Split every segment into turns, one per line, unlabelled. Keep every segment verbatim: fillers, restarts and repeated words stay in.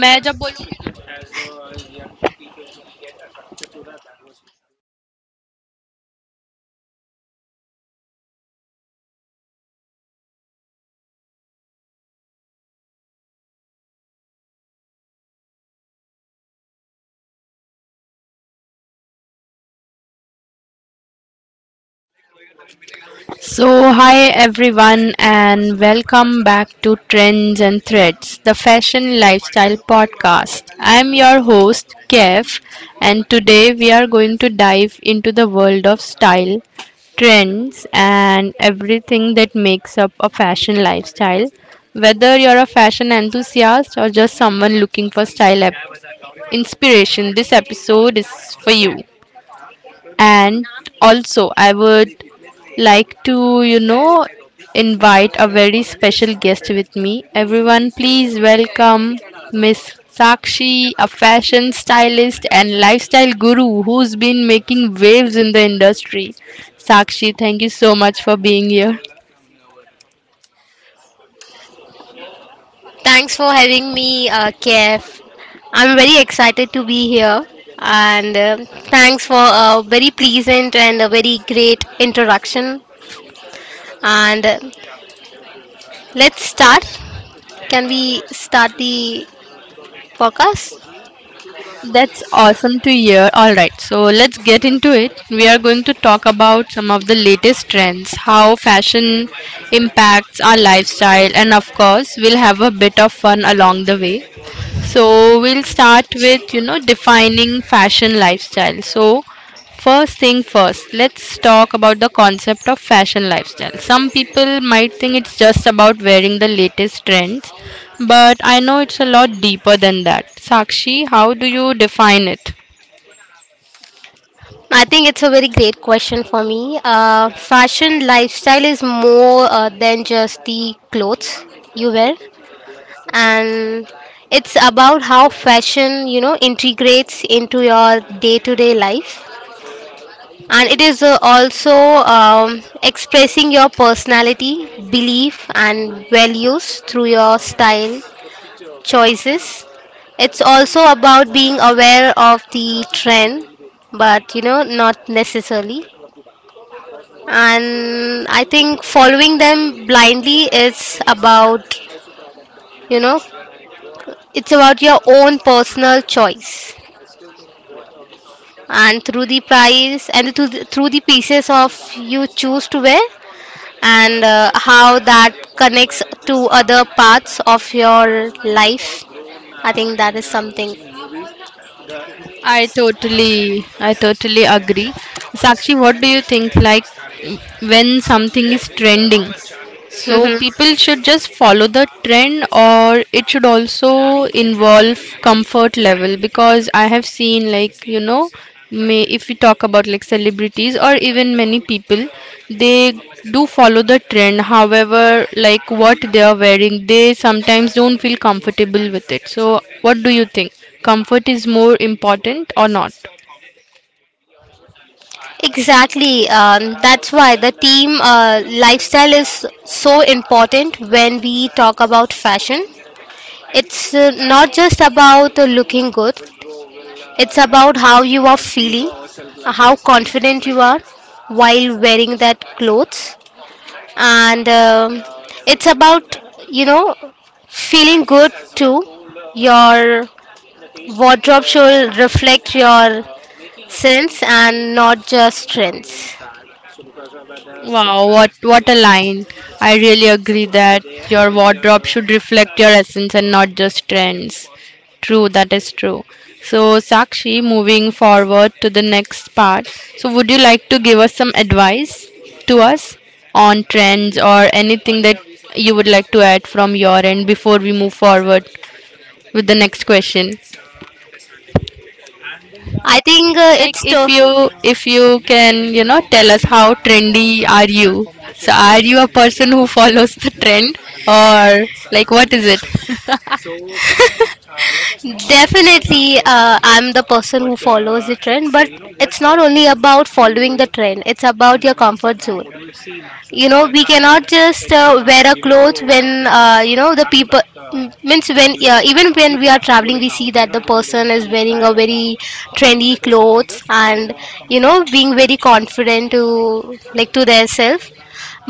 मैं जब बोलूं- So, Hi everyone, and welcome back to Trends and Threads, the fashion lifestyle podcast. I'm your host, Kev, and today we are going to dive into the world of style, trends, and everything that makes up a fashion lifestyle. Whether you're a fashion enthusiast or just someone looking for style ep- inspiration, this episode is for you. And also I would like to you know invite a very special guest with me. Everyone, please welcome Miss Sakshi, a fashion stylist and lifestyle guru who's been making waves in the industry. Sakshi, thank you so much for being here.
Thanks for having me, uh, Kev. I'm very excited to be here, and uh, thanks for a very pleasant and a very great introduction. And uh, let's start. Can we start the podcast?
That's awesome to hear. All right, so let's get into it. We are going to talk about some of the latest trends, how fashion impacts our lifestyle, and of course, we'll have a bit of fun along the way. So we'll start with, you know, defining fashion lifestyle. So first thing first, let's talk about the concept of fashion lifestyle. Some people might think it's just about wearing the latest trends, but I know it's a lot deeper than that. Sakshi, how do you define it?
I think it's a very great question for me. Uh, fashion lifestyle is more uh, than just the clothes you wear. And it's about how fashion you know integrates into your day-to-day life, and it is uh, also um, expressing your personality, belief and values through your style choices. It's also about being aware of the trend, but you know not necessarily, and I think following them blindly is about, you know it's about your own personal choice, and through the price and through the, through the pieces of you choose to wear, and uh, how that connects to other parts of your life. I think that is something.
I totally, I totally agree. Sakshi, what do you think, like when something is trending? So
Hmm.
people should just follow the trend, or it should also involve comfort level? Because I have seen, like, you know, may if we talk about like celebrities or even many people, they do follow the trend, however, like what they are wearing, they sometimes don't feel comfortable with it. So what do you think, comfort is more important or not?
Exactly. Um, that's why the team uh, lifestyle is so important when we talk about fashion. It's uh, not just about uh, looking good, it's about how you are feeling, how confident you are while wearing that clothes. And um it's about, you know feeling good too. Your wardrobe should reflect your sense and not just trends.
Wow, what what a line. I really agree that your wardrobe should reflect your essence and not just trends. True, that is true. So, Sakshi, moving forward to the next part. So, would you like to give us some advice to us on trends or anything that you would like to add from your end before we move forward with the next question?
I think uh,
Like
it's to.
if you if you can, you know, tell us, how trendy are you? So are you a person who follows the trend, or like what is it?
Definitely, uh, I'm the person who follows the trend, but it's not only about following the trend, it's about your comfort zone. You know we cannot just uh, wear a clothes when uh, you know the people m- means when, yeah, even when we are traveling we see that the person is wearing a very trendy clothes, and you know being very confident to, like, to their self.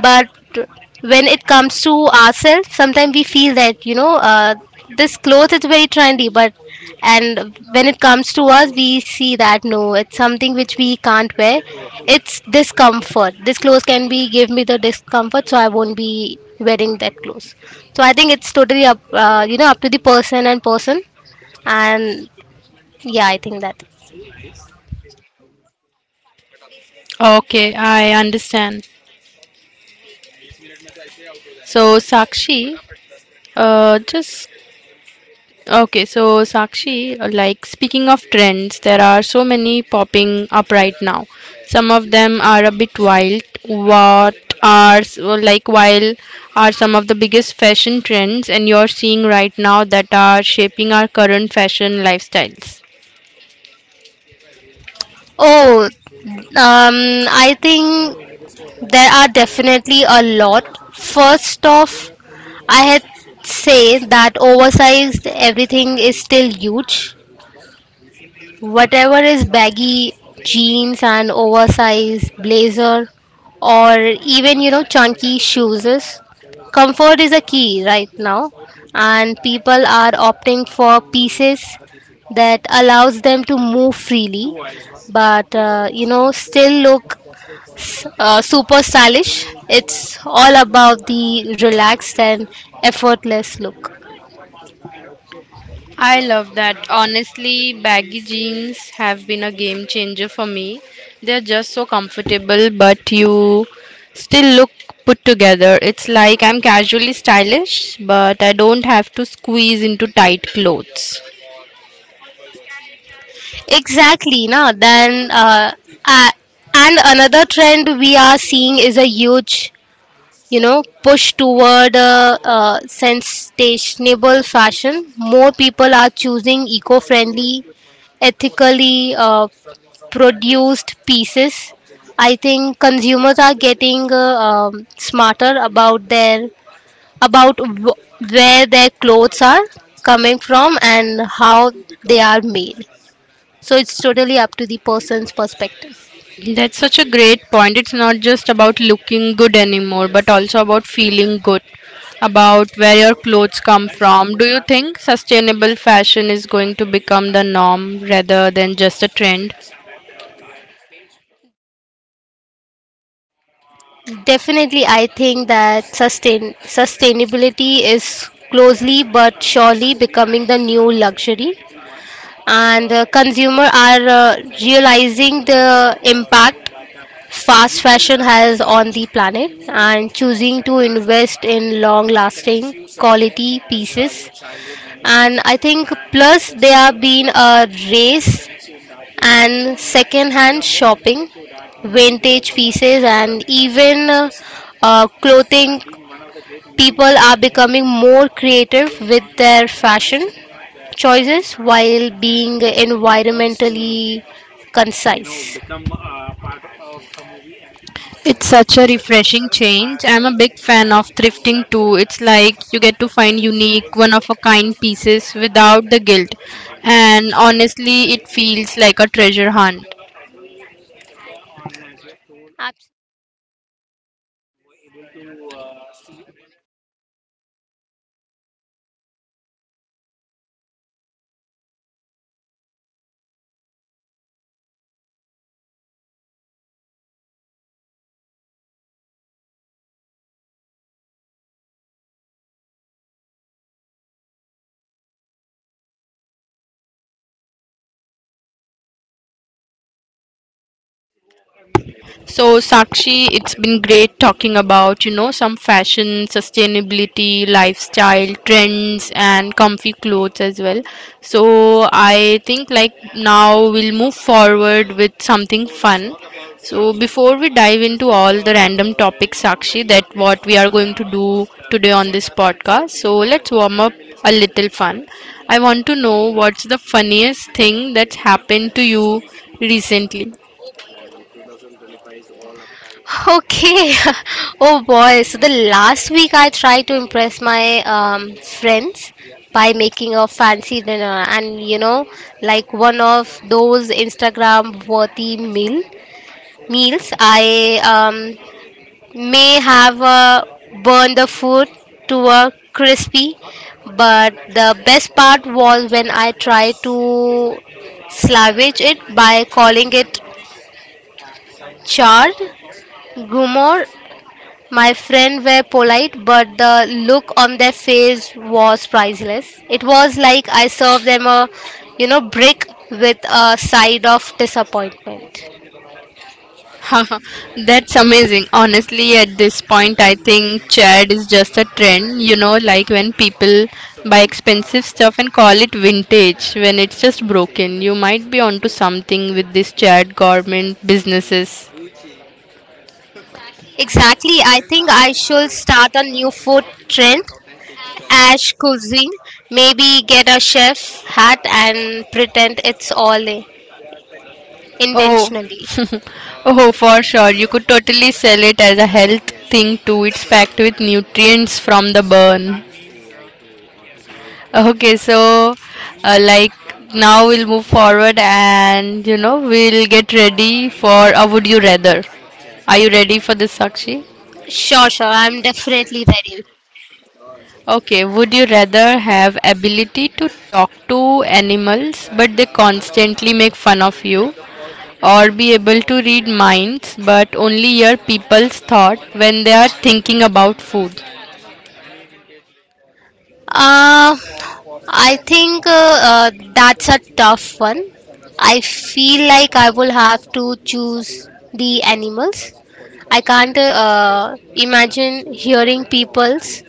But when it comes to ourselves sometimes we feel that, you know uh, this clothes is very trendy, but and when it comes to us we see that no, it's something which we can't wear. It's discomfort, this clothes can be give me the discomfort, so I won't be wearing that clothes. So I think it's totally up, uh, you know up to the person and person. And yeah, I think that.
Okay, I understand. So Sakshi, uh, just Okay, so Sakshi, like speaking of trends, there are so many popping up right now. Some of them are a bit wild. What are s- well, like wild are some of the biggest fashion trends and you're seeing right now that are shaping our current fashion lifestyles?
Oh, um I think there are definitely a lot. First off, I had say that oversized everything is still huge. Whatever is baggy jeans and oversized blazer, or even, you know chunky shoes is- Comfort is a key right now, and people are opting for pieces that allows them to move freely, but uh, you know still look uh, super stylish. It's all about the relaxed and effortless look.
I love that. Honestly, baggy jeans have been a game changer for me. They're just so comfortable, but you still look put together. It's like I'm casually stylish, but I don't have to squeeze into tight clothes.
Exactly, no. Then, uh, uh, and another trend we are seeing is a huge, you know, push toward uh, uh, sensational fashion. More people are choosing eco-friendly, ethically uh, produced pieces. I think consumers are getting uh, um, smarter about their about w- where their clothes are coming from and how they are made. So it's totally up to the person's perspective.
That's such a great point. It's not just about looking good anymore, but also about feeling good, about where your clothes come from. Do you think sustainable fashion is going to become the norm rather than just a trend?
Definitely, I think that sustain sustainability is closely but surely becoming the new luxury, and uh, consumer are uh, realizing the impact fast fashion has on the planet and choosing to invest in long lasting quality pieces. And I think plus there are been a race, and second hand shopping, vintage pieces, and even uh, uh, clothing. People are becoming more creative with their fashion choices while being environmentally concise.
It's such a refreshing change. I'm a big fan of thrifting too. It's like you get to find unique, one of a kind pieces without the guilt. And honestly, it feels like a treasure hunt.
Absolutely.
So, Sakshi, it's been great talking about, you know, some fashion, sustainability, lifestyle, trends, and comfy clothes as well. So, I think like now we'll move forward with something fun. So, before we dive into all the random topics, Sakshi, that what we are going to do today on this podcast. So, let's warm up a little fun. I want to know, what's the funniest thing that's happened to you recently?
Okay. Oh boy. So the last week I tried to impress my um, friends by making a fancy dinner, and, you know like one of those Instagram worthy meal meals I um, may have uh, burned the food to a crispy, but the best part was when I tried to salvage it by calling it charred Gumor. My friends were polite, but the look on their face was priceless. It was like I served them a, you know, brick with a side of disappointment.
Haha, that's amazing. Honestly, at this point, I think Chad is just a trend. You know, like when people buy expensive stuff and call it vintage when it's just broken. You might be onto something with this Chad garment businesses.
Exactly. I think I should start a new food trend, ash cuisine. Maybe get a chef hat and pretend it's all eh,
Oh,
intentionally.
oh, for sure. You could totally sell it as a health thing too. It's packed with nutrients from the burn. Okay, so uh, like now we'll move forward and you know we'll get ready for a would you rather. Are you ready for this, Sakshi?
Sure, sure. I'm definitely ready.
Okay, would you rather have ability to talk to animals but they constantly make fun of you, or be able to read minds but only hear people's thought when they are thinking about food?
Uh, I think, uh, uh, that's a tough one. I feel like I will have to choose the animals. I can't uh, imagine hearing people's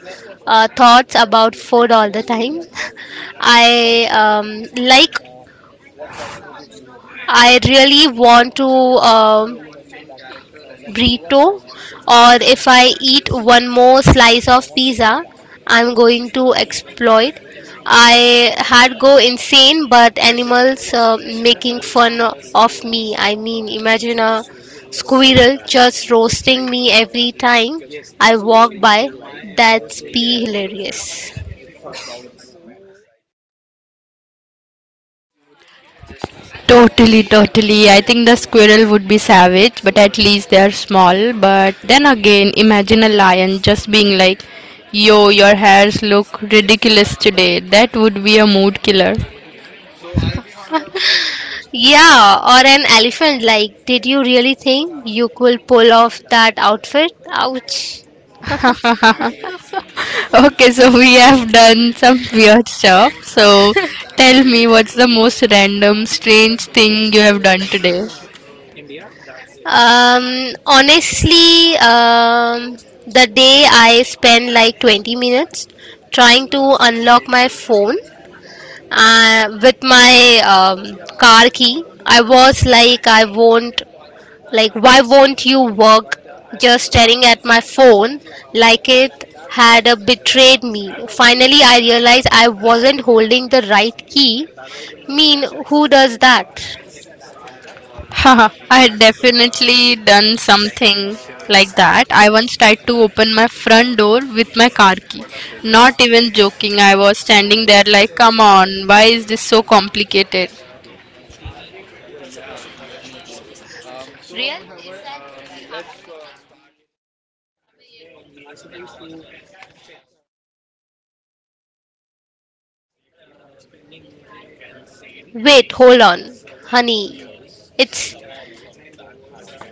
uh, thoughts about food all the time. I um, like. I really want to um burrito, or if I eat one more slice of pizza, I'm going to explode. I had go insane, but animals uh, making fun of me. I mean, imagine a squirrel just roasting me every time I walk by. That's be hilarious.
Totally, totally. I think the squirrel would be savage, but at least they are small. But then again, imagine a lion just being like, yo, your hairs look ridiculous today. That would be a mood killer.
Yeah, or an elephant. Like, did you really think you could pull off that outfit? Ouch.
Okay, so we have done some weird stuff. So tell me, what's the most random, strange thing you have done today?
Um, honestly, um, the day I spend like twenty minutes trying to unlock my phone uh, with my um, car key. I was like, I won't, like, why won't you work? Just staring at my phone like it had uh, betrayed me. Finally, I realized I wasn't holding the right key. Mean, who does that?
Haha, I had definitely done something like that. I once tried to open my front door with my car key. Not even joking, I was standing there like, come on, why is this so complicated?
Real? Wait, hold on, honey. It's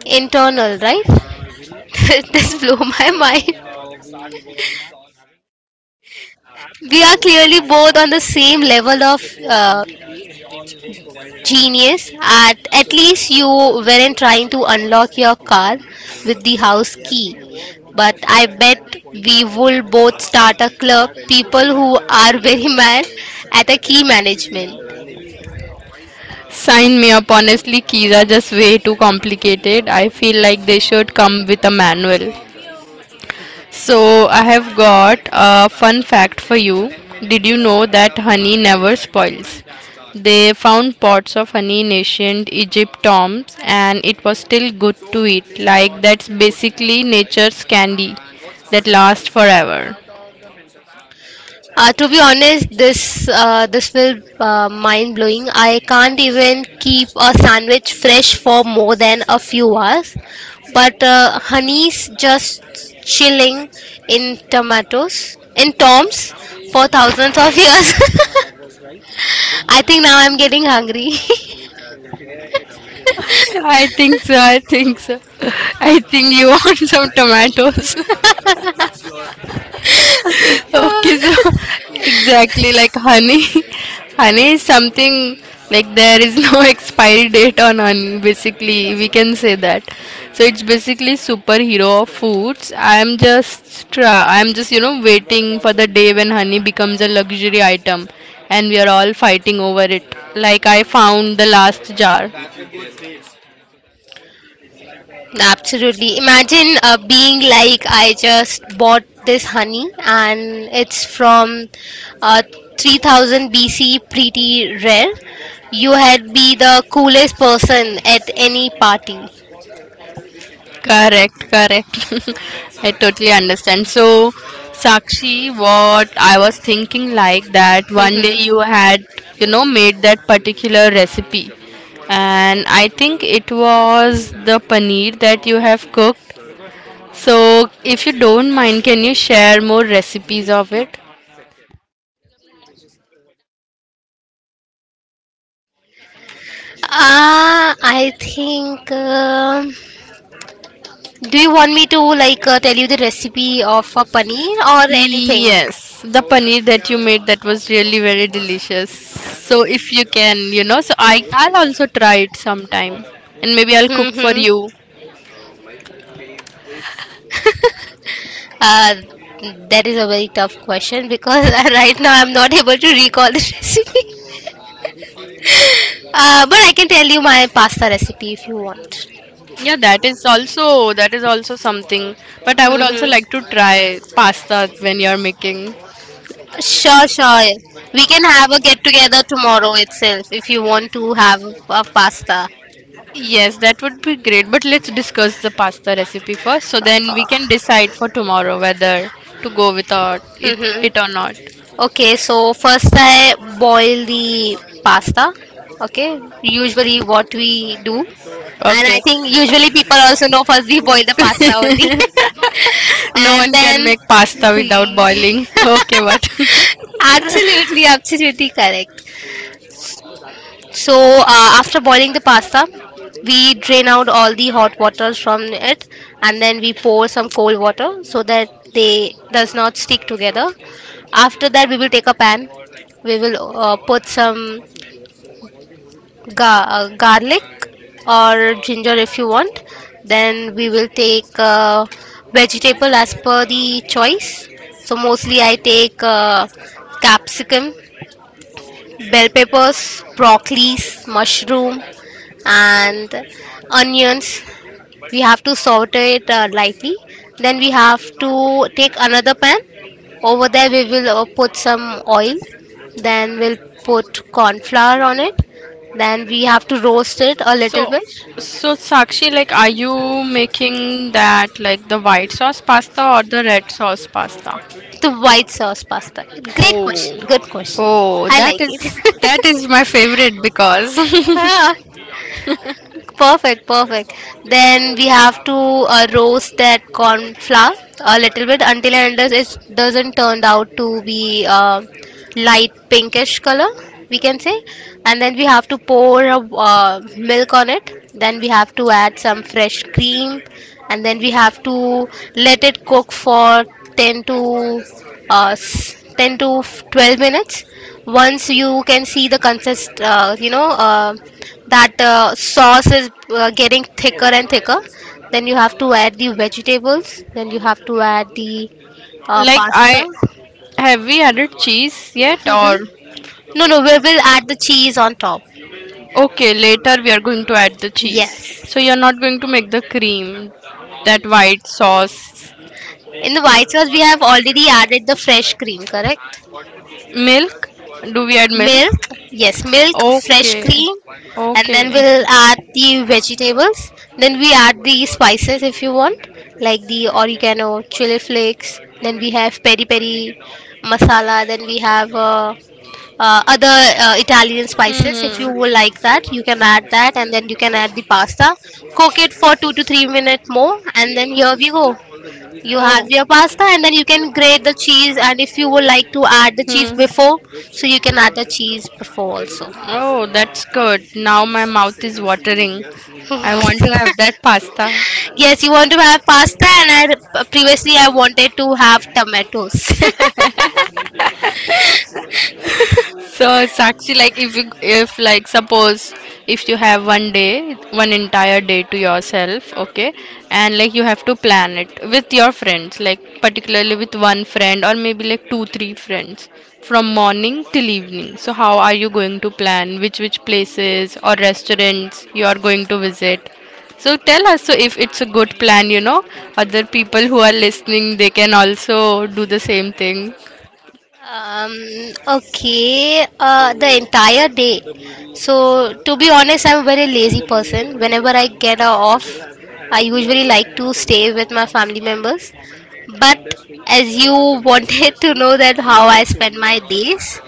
internal, right? This blew my mind. We are clearly both on the same level of uh, genius. At at least you weren't trying to unlock your car with the house key. But I bet we will both start a club. People who are very mad at a key management.
Sign me up, honestly, keys are just way too complicated. I feel like they should come with a manual. So, I have got a fun fact for you. Did you know that honey never spoils? They found pots of honey in ancient Egypt tombs and it was still good to eat. Like, that's basically nature's candy that lasts forever.
Uh, to be honest, this uh, this will uh, mind blowing. I can't even keep a sandwich fresh for more than a few hours, but uh, honey's just chilling in tomatoes in toms for thousands of years. I think now I'm getting hungry.
I think so, I think so. I think you want some tomatoes. Okay, so exactly like honey. Honey is something like there is no expiry date on honey, basically. We can say that. So it's basically superhero of foods. I'm just tra- I'm just, you know, waiting for the day when honey becomes a luxury item and we are all fighting over it. Like, I found the last jar.
Absolutely. Imagine uh, being like, I just bought this honey and it's from uh, three thousand B C, pretty rare. You had be the coolest person at any party.
Correct, correct. I totally understand. So, Sakshi, what I was thinking, like, that one day you
Mm-hmm.
had, you know, made that particular recipe, and I think it was the paneer that you have cooked. So, if you don't mind, can you share more recipes of it?
Uh, I think. Um do you want me to, like, uh, tell you the recipe of a paneer or anything?
Yes, the paneer that you made, that was really very delicious. So, if you can, you know, so I I'll also try it sometime, and maybe I'll cook for you.
Mm-hmm. Uh, that is a very tough question because right now I'm not able to recall the recipe. Uh, but I can tell you my pasta recipe if you want.
Yeah, that is also, that is also something. But I would also like to
hmm
try pasta when you're making.
Sure, sure. We can have a get together tomorrow itself if you want to have a pasta.
Yes, that would be great. But let's discuss the pasta recipe first, so then
Uh,
we can decide for tomorrow whether to go without it,
hmm
it or not.
Okay, so first I boil the pasta. Okay, usually what we do, and I
Okay.
think usually people also know first we boil the pasta only,
No
and
one can
then
make pasta without boiling. Okay, but
absolutely, absolutely correct. So, uh, after boiling the pasta, we drain out all the hot waters from it, and then we pour some cold water so that they does not stick together. After that, we will take a pan. We will uh, put some ga- uh, garlic or ginger if you want. Then we will take uh, vegetable as per the choice. So mostly I take uh, capsicum, bell peppers, broccolis, mushroom, and onions. We have to saute it uh, lightly. Then we have to take another pan. Over there, we will uh, put some oil. Then we'll put corn flour on it. Then we have to roast it a little
so
bit.
so Sakshi, like, are you making that like the white sauce pasta or the red sauce pasta?
The white sauce pasta. Great question. Good
Oh,
question.
oh,
I like
that is that is my favorite because
it. Perfect, perfect. Then we have to uh, roast that corn flour a little bit until and unless it doesn't turn out to be uh, light pinkish color, we can say. And then we have to pour a, uh, milk on it. Then we have to add some fresh cream, and then we have to let it cook for ten to uh, s- ten to twelve minutes. Once you can see the consist, uh, you know. Uh, that uh, sauce is uh, getting thicker and thicker, then you have to add the vegetables, then you have to add the uh,
like I
pasta.
have, we added cheese yet
Hmm.
or
No no we will add the cheese on top.
okay, later we are going to add the cheese.
Yes.
So you're not going to make the cream, that white sauce,
In the white sauce we have already added the fresh cream, correct?
milk. Do we add milk?
Milk, yes, milk, fresh
Okay,
cream, and then
okay.
we'll add the vegetables. Then we add the spices if you want, like the oregano, chili flakes. Then we have peri peri masala. Then we have uh, uh, other uh, Italian spices. If you
Hmm.
would like that, you can add that, and then you can add the pasta. Cook it for two to three minutes more, and then here we go. You have
Oh.
your pasta, and then you can grate the cheese, and if you would like to add the cheese
Hmm.
before, so you can add the cheese before also.
Oh, that's good. Now my mouth is watering. I want to have that pasta.
Yes, you want to have pasta, and I previously I wanted to have tomatoes.
So it's actually like if you, if like suppose if you have one day, one entire day to yourself, okay, and like you have to plan it with your friends, like particularly with one friend or maybe like two, three friends from morning till evening. So how are you going to plan which which places or restaurants you are going to visit? So tell us, so if it's a good plan, you know, other people who are listening they can also do the same thing.
Um, okay, uh, the entire day. So, to be honest, I'm a very lazy person. Whenever I get a off, I usually like to stay with my family members. But as you wanted to know that how I spend my days,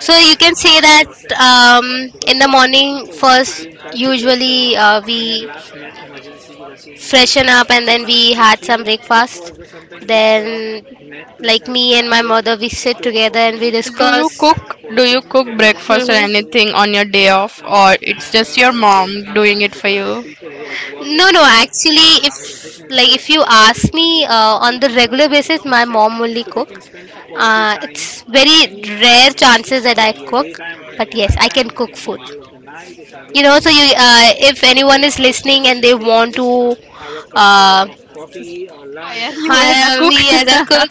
so you can say that um, in the morning first, usually uh, we freshen up and then we had some breakfast, then like me and my mother, we sit together and we
Do you
discuss.
cook? Do you cook breakfast or
Hmm,
anything on your day off, or it's just your mom doing it for you?
no no actually, if like if you ask me, uh, on the regular basis my mom only cook. Uh, it's very rare chances that I cook, but yes, I can cook food, you know. So you, uh, if anyone is listening and they want to uh,
Hire you as a
I,
cook?
me as a cook,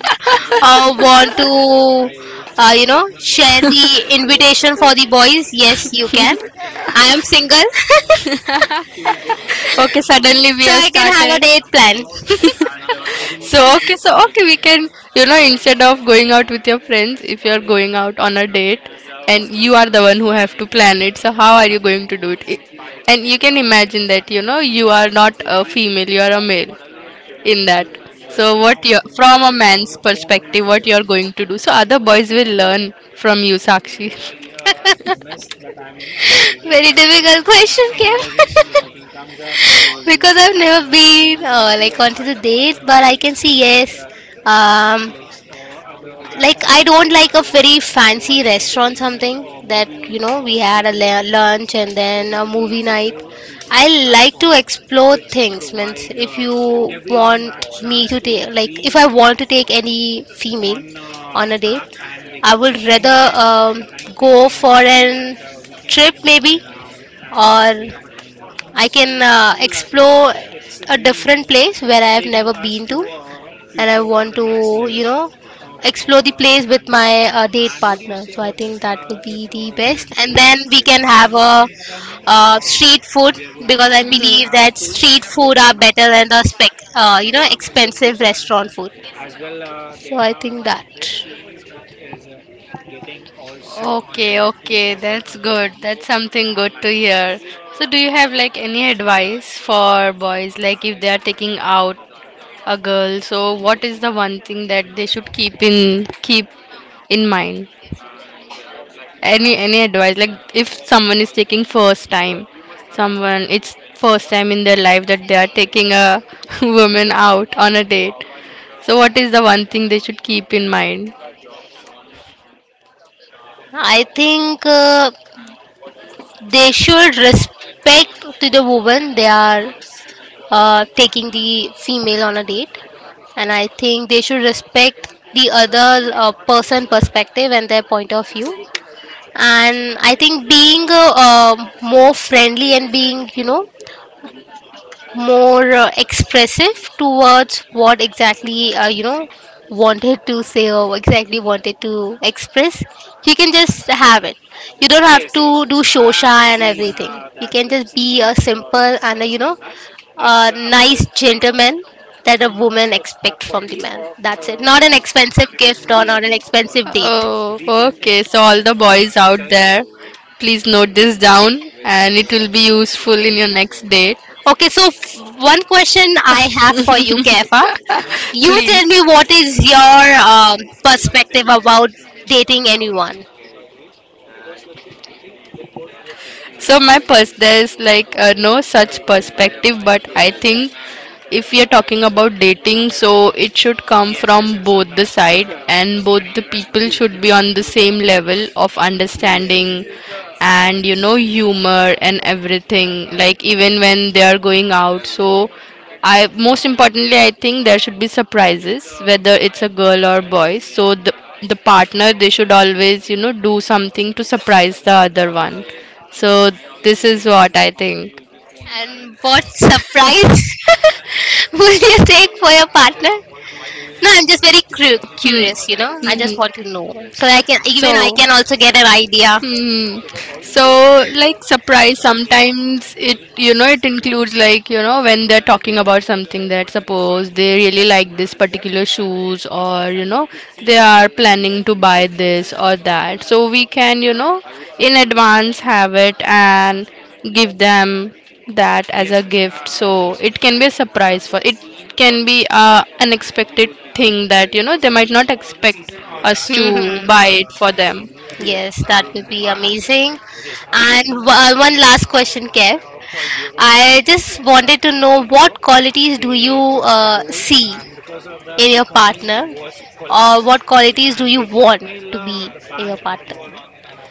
uh, want to uh, you know, share the invitation for the boys. Yes, you can, I am single.
Okay, suddenly we
So
have
I can have a
started.
date plan.
So okay, so okay, we can you know instead of going out with your friends, if you are going out on a date and you are the one who have to plan it, so how are you going to do it? It- And you can imagine that you know you are not a female, you are a male. In that, so what you from a man's perspective what you're going to do, so other boys will learn from you, Sakshi.
Very difficult question, Kim. Because I've never been uh, like onto the date, but I can say, yes. um, like, I don't like a very fancy restaurant, something that, you know, we had a la- lunch and then a movie night. I like to explore things. Means, if you want me to take, like, if I want to take any female on a date, I would rather um, go for an trip maybe, or I can uh, explore a different place where I have never been to, and I want to, you know, explore the place with my uh, date partner. So I think that would be the best, and then we can have a uh, street food, because I
Hmm.
believe that street food are better than the spec, uh, you know, expensive restaurant food. So I think that.
Okay, okay, that's good, that's something good to hear. So do you have like any advice for boys, like if they are taking out a girl, so what is the one thing that they should keep in keep in mind? Any any advice, like if someone is taking first time someone, it's first time in their life that they are taking a woman out on a date, so what is the one thing they should keep in mind?
I think uh, they should respect to the women. They are uh, taking the female on a date, and I think they should respect the other uh, person perspective and their point of view. And I think being uh, um more friendly, and being, you know, more uh, expressive towards what exactly, uh, you know, wanted to say or exactly wanted to express, you can just have it. You don't have to do shosha and everything. You can just be a simple and a, you know, a nice gentleman that a woman expect from the man. That's it, not an expensive gift or not an expensive date.
Oh okay, so all the boys out there, please note this down and it will be useful in your next date.
Okay, so f- one question I have for you, Kefa. You
Please.
tell me, what is your um, perspective about dating anyone,
So my pers, there's like uh, no such perspective, but I think if we are talking about dating, so it should come from both the side, and both the people should be on the same level of understanding, and you know humor and everything. Like even when they are going out, so I, most importantly I think there should be surprises, whether it's a girl or boy. So the the partner they should always you know do something to surprise the other one, so this is what I think.
and what surprise would you take for your partner? No, I'm just very cru- curious. You know, I just want to know so I can even I
So,
can also get an idea.
hmm. So, like surprise, sometimes it you know it includes like you know when they're talking about something, that suppose they really like this particular shoes, or you know they are planning to buy this or that. So we can you know in advance have it and give them that as a, yes, gift. So it can be a surprise for, it can be a unexpected thing that you know they might not expect us to buy
Mhm.
it for them.
Yes, that would be amazing. And w- uh, one last question, Kev. I just wanted to know, what qualities do you uh, see in your partner, or what qualities do you want to be in your partner?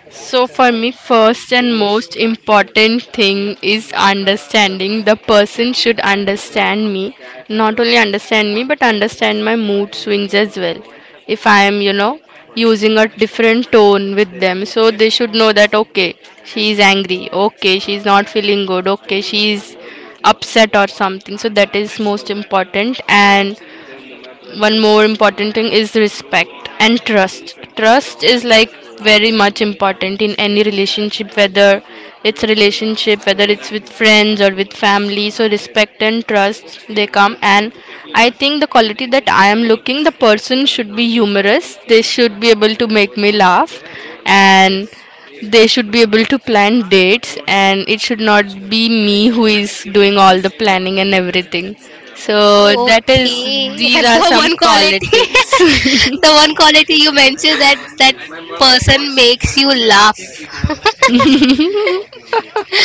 So for me, first and most important thing is understanding. The person should understand me, not only understand me, but understand my mood swings as well. If I am, you know, using a different tone with them, so they should know that okay, she is angry, okay, she is not feeling good, okay, she is upset or something. So that is most important. And one more important thing is respect and trust. Trust is like very much important in any relationship, whether it's a relationship, whether it's with friends or with family. So respect and trust, they come. And I think the quality that I am looking, the person should be humorous, they should be able to make me laugh, and they should be able to plan dates, and it should not be me who is doing all the planning and everything. So that is,
Okay,
these are
the
some
one quality,
qualities.
the one quality you mentioned, that that person makes you laugh.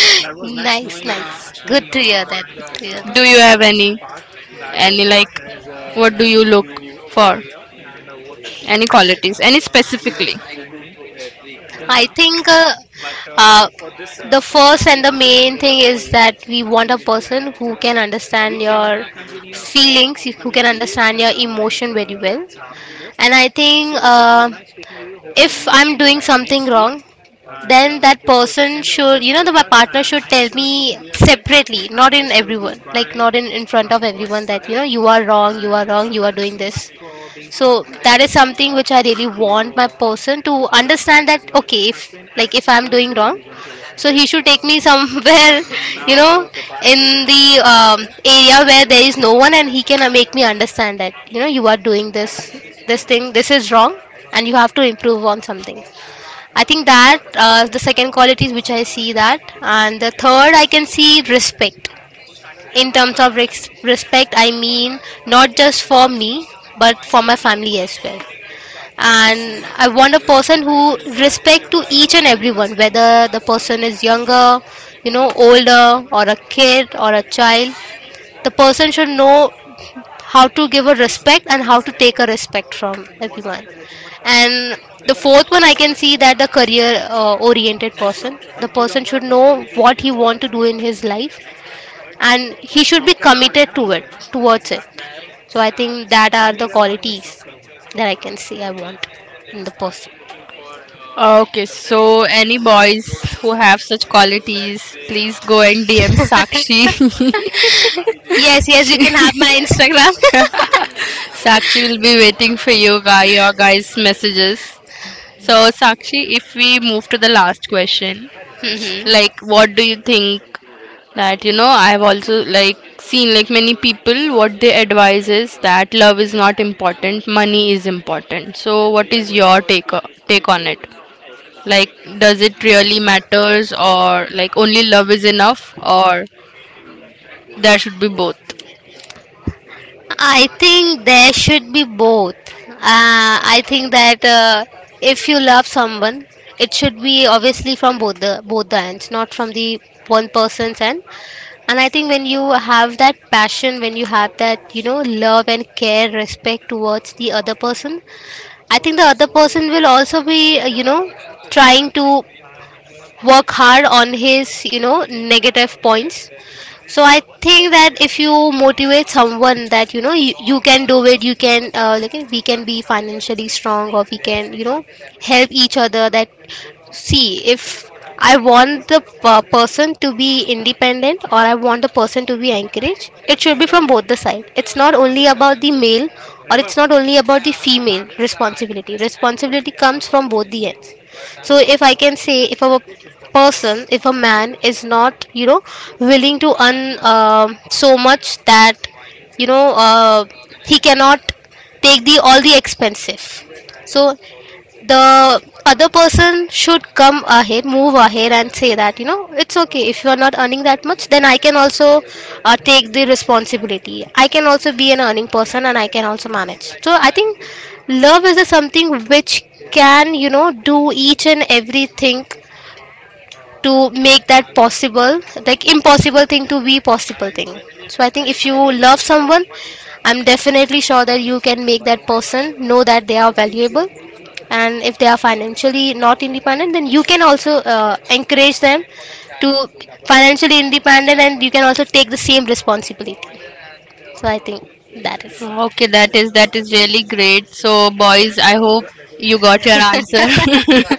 Nice, nice. Good to hear that. Good to hear that.
Do you have any, any like, what do you look for? Any qualities, any specifically?
I think uh, uh, the first and the main thing is that we want a person who can understand your feelings, who can understand your emotion very well. And I think uh, if I'm doing something wrong, then that person should, you know, the, my partner should tell me separately, not in everyone, like not in, in front of everyone that, you know, you are wrong, you are wrong, you are doing this. So that is something which I really want my person to understand, that okay, if like if I'm doing wrong, so he should take me somewhere, you know, in the um, area where there is no one, and he can uh, make me understand that, you know, you are doing this, this thing, this is wrong, and you have to improve on something. I think that, uh, the second quality is which I see that, and the third, I can see respect. In terms of res- respect, I mean, not just for me, but for my family as well. And I want a person who respect to each and everyone, whether the person is younger, you know, older, or a kid or a child. The person should know how to give a respect and how to take a respect from everyone. And the fourth one, I can see that the career-oriented person, the person should know what he want to do in his life, and he should be committed to it, towards it. So I think that are the qualities that I can say I want in the person.
Okay, so any boys who have such qualities, please go and D M Sakshi.
Yes, yes,
She-
you can have my Instagram.
Sakshi will be waiting for you guy, your guys' messages. So, Sakshi, if we move to the last question,
Mhm.
like, what do you think that, you know, I've also, like, seen, like, many people, what they advise is that love is not important, money is important. So, what is your take, o- take on it? Like, does it really matters, or, like, only love is enough, or there should be both?
I think there should be both. Uh, I think that, uh, if you love someone, it should be obviously from both the both the ends, not from the one person's end. And I think when you have that passion, when you have that, you know, love and care, respect towards the other person, I think the other person will also be uh, you know, trying to work hard on his, you know, negative points. So I think that if you motivate someone that, you know, you, you can do it, you can, uh, like, we can be financially strong, or we can, you know, help each other, that see, if I want the per- person to be independent, or I want the person to be encouraged, it should be from both the side. It's not only about the male, or it's not only about the female responsibility. Responsibility comes from both the ends. So if I can say, if a person, if a man is not, you know, willing to earn, um so much that, you know, uh, he cannot take the all the expensive, so the other person should come ahead, move ahead and say that, you know, it's okay, if you are not earning that much, then I can also, uh, take the responsibility, I can also be an earning person, and I can also manage. So I think love is a something which can, you know, do each and everything to make that possible, like impossible thing to be possible thing. So I think if you love someone, I'm definitely sure that you can make that person know that they are valuable, and if they are financially not independent, then you can also uh, encourage them to financially independent, and you can also take the same responsibility. So I think that is.
Okay, that is, that is really great. So, boys, I hope you got your answer.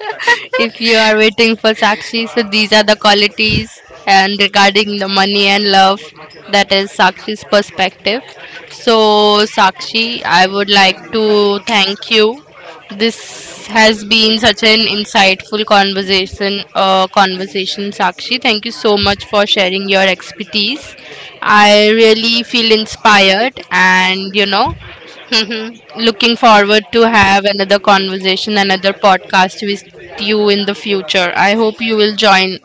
If you are waiting for Sakshi, so these are the qualities, and regarding the money and love, that is Sakshi's perspective. So, Sakshi, I would like to thank you, this has been such an insightful conversation, uh, conversation, Sakshi. Thank you so much for sharing your expertise. I really feel inspired, and you know,
Mhm.
looking forward to have another conversation, another podcast with you in the future. I hope you will join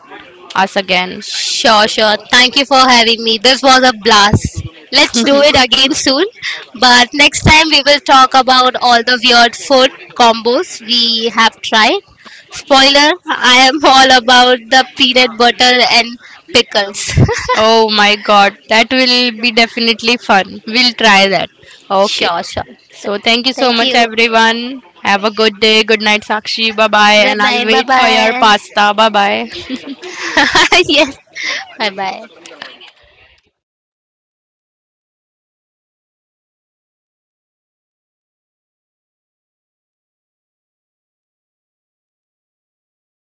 us again.
Sure, sure. Thank you for having me. This was a blast. Let's do it again soon. But next time we will talk about all the weird food combos we have tried. Spoiler, I am all about the peanut butter and pickles.
Oh my God, that will be definitely fun. We'll try that. Okay.
Sure, sure.
So thank you so
Thank
much,
you.
everyone. Have a good day. Good night, Sakshi. Bye bye.
Good
And I'll
night. Bye
wait for your
bye.
pasta. Bye bye.
Yes. Bye bye.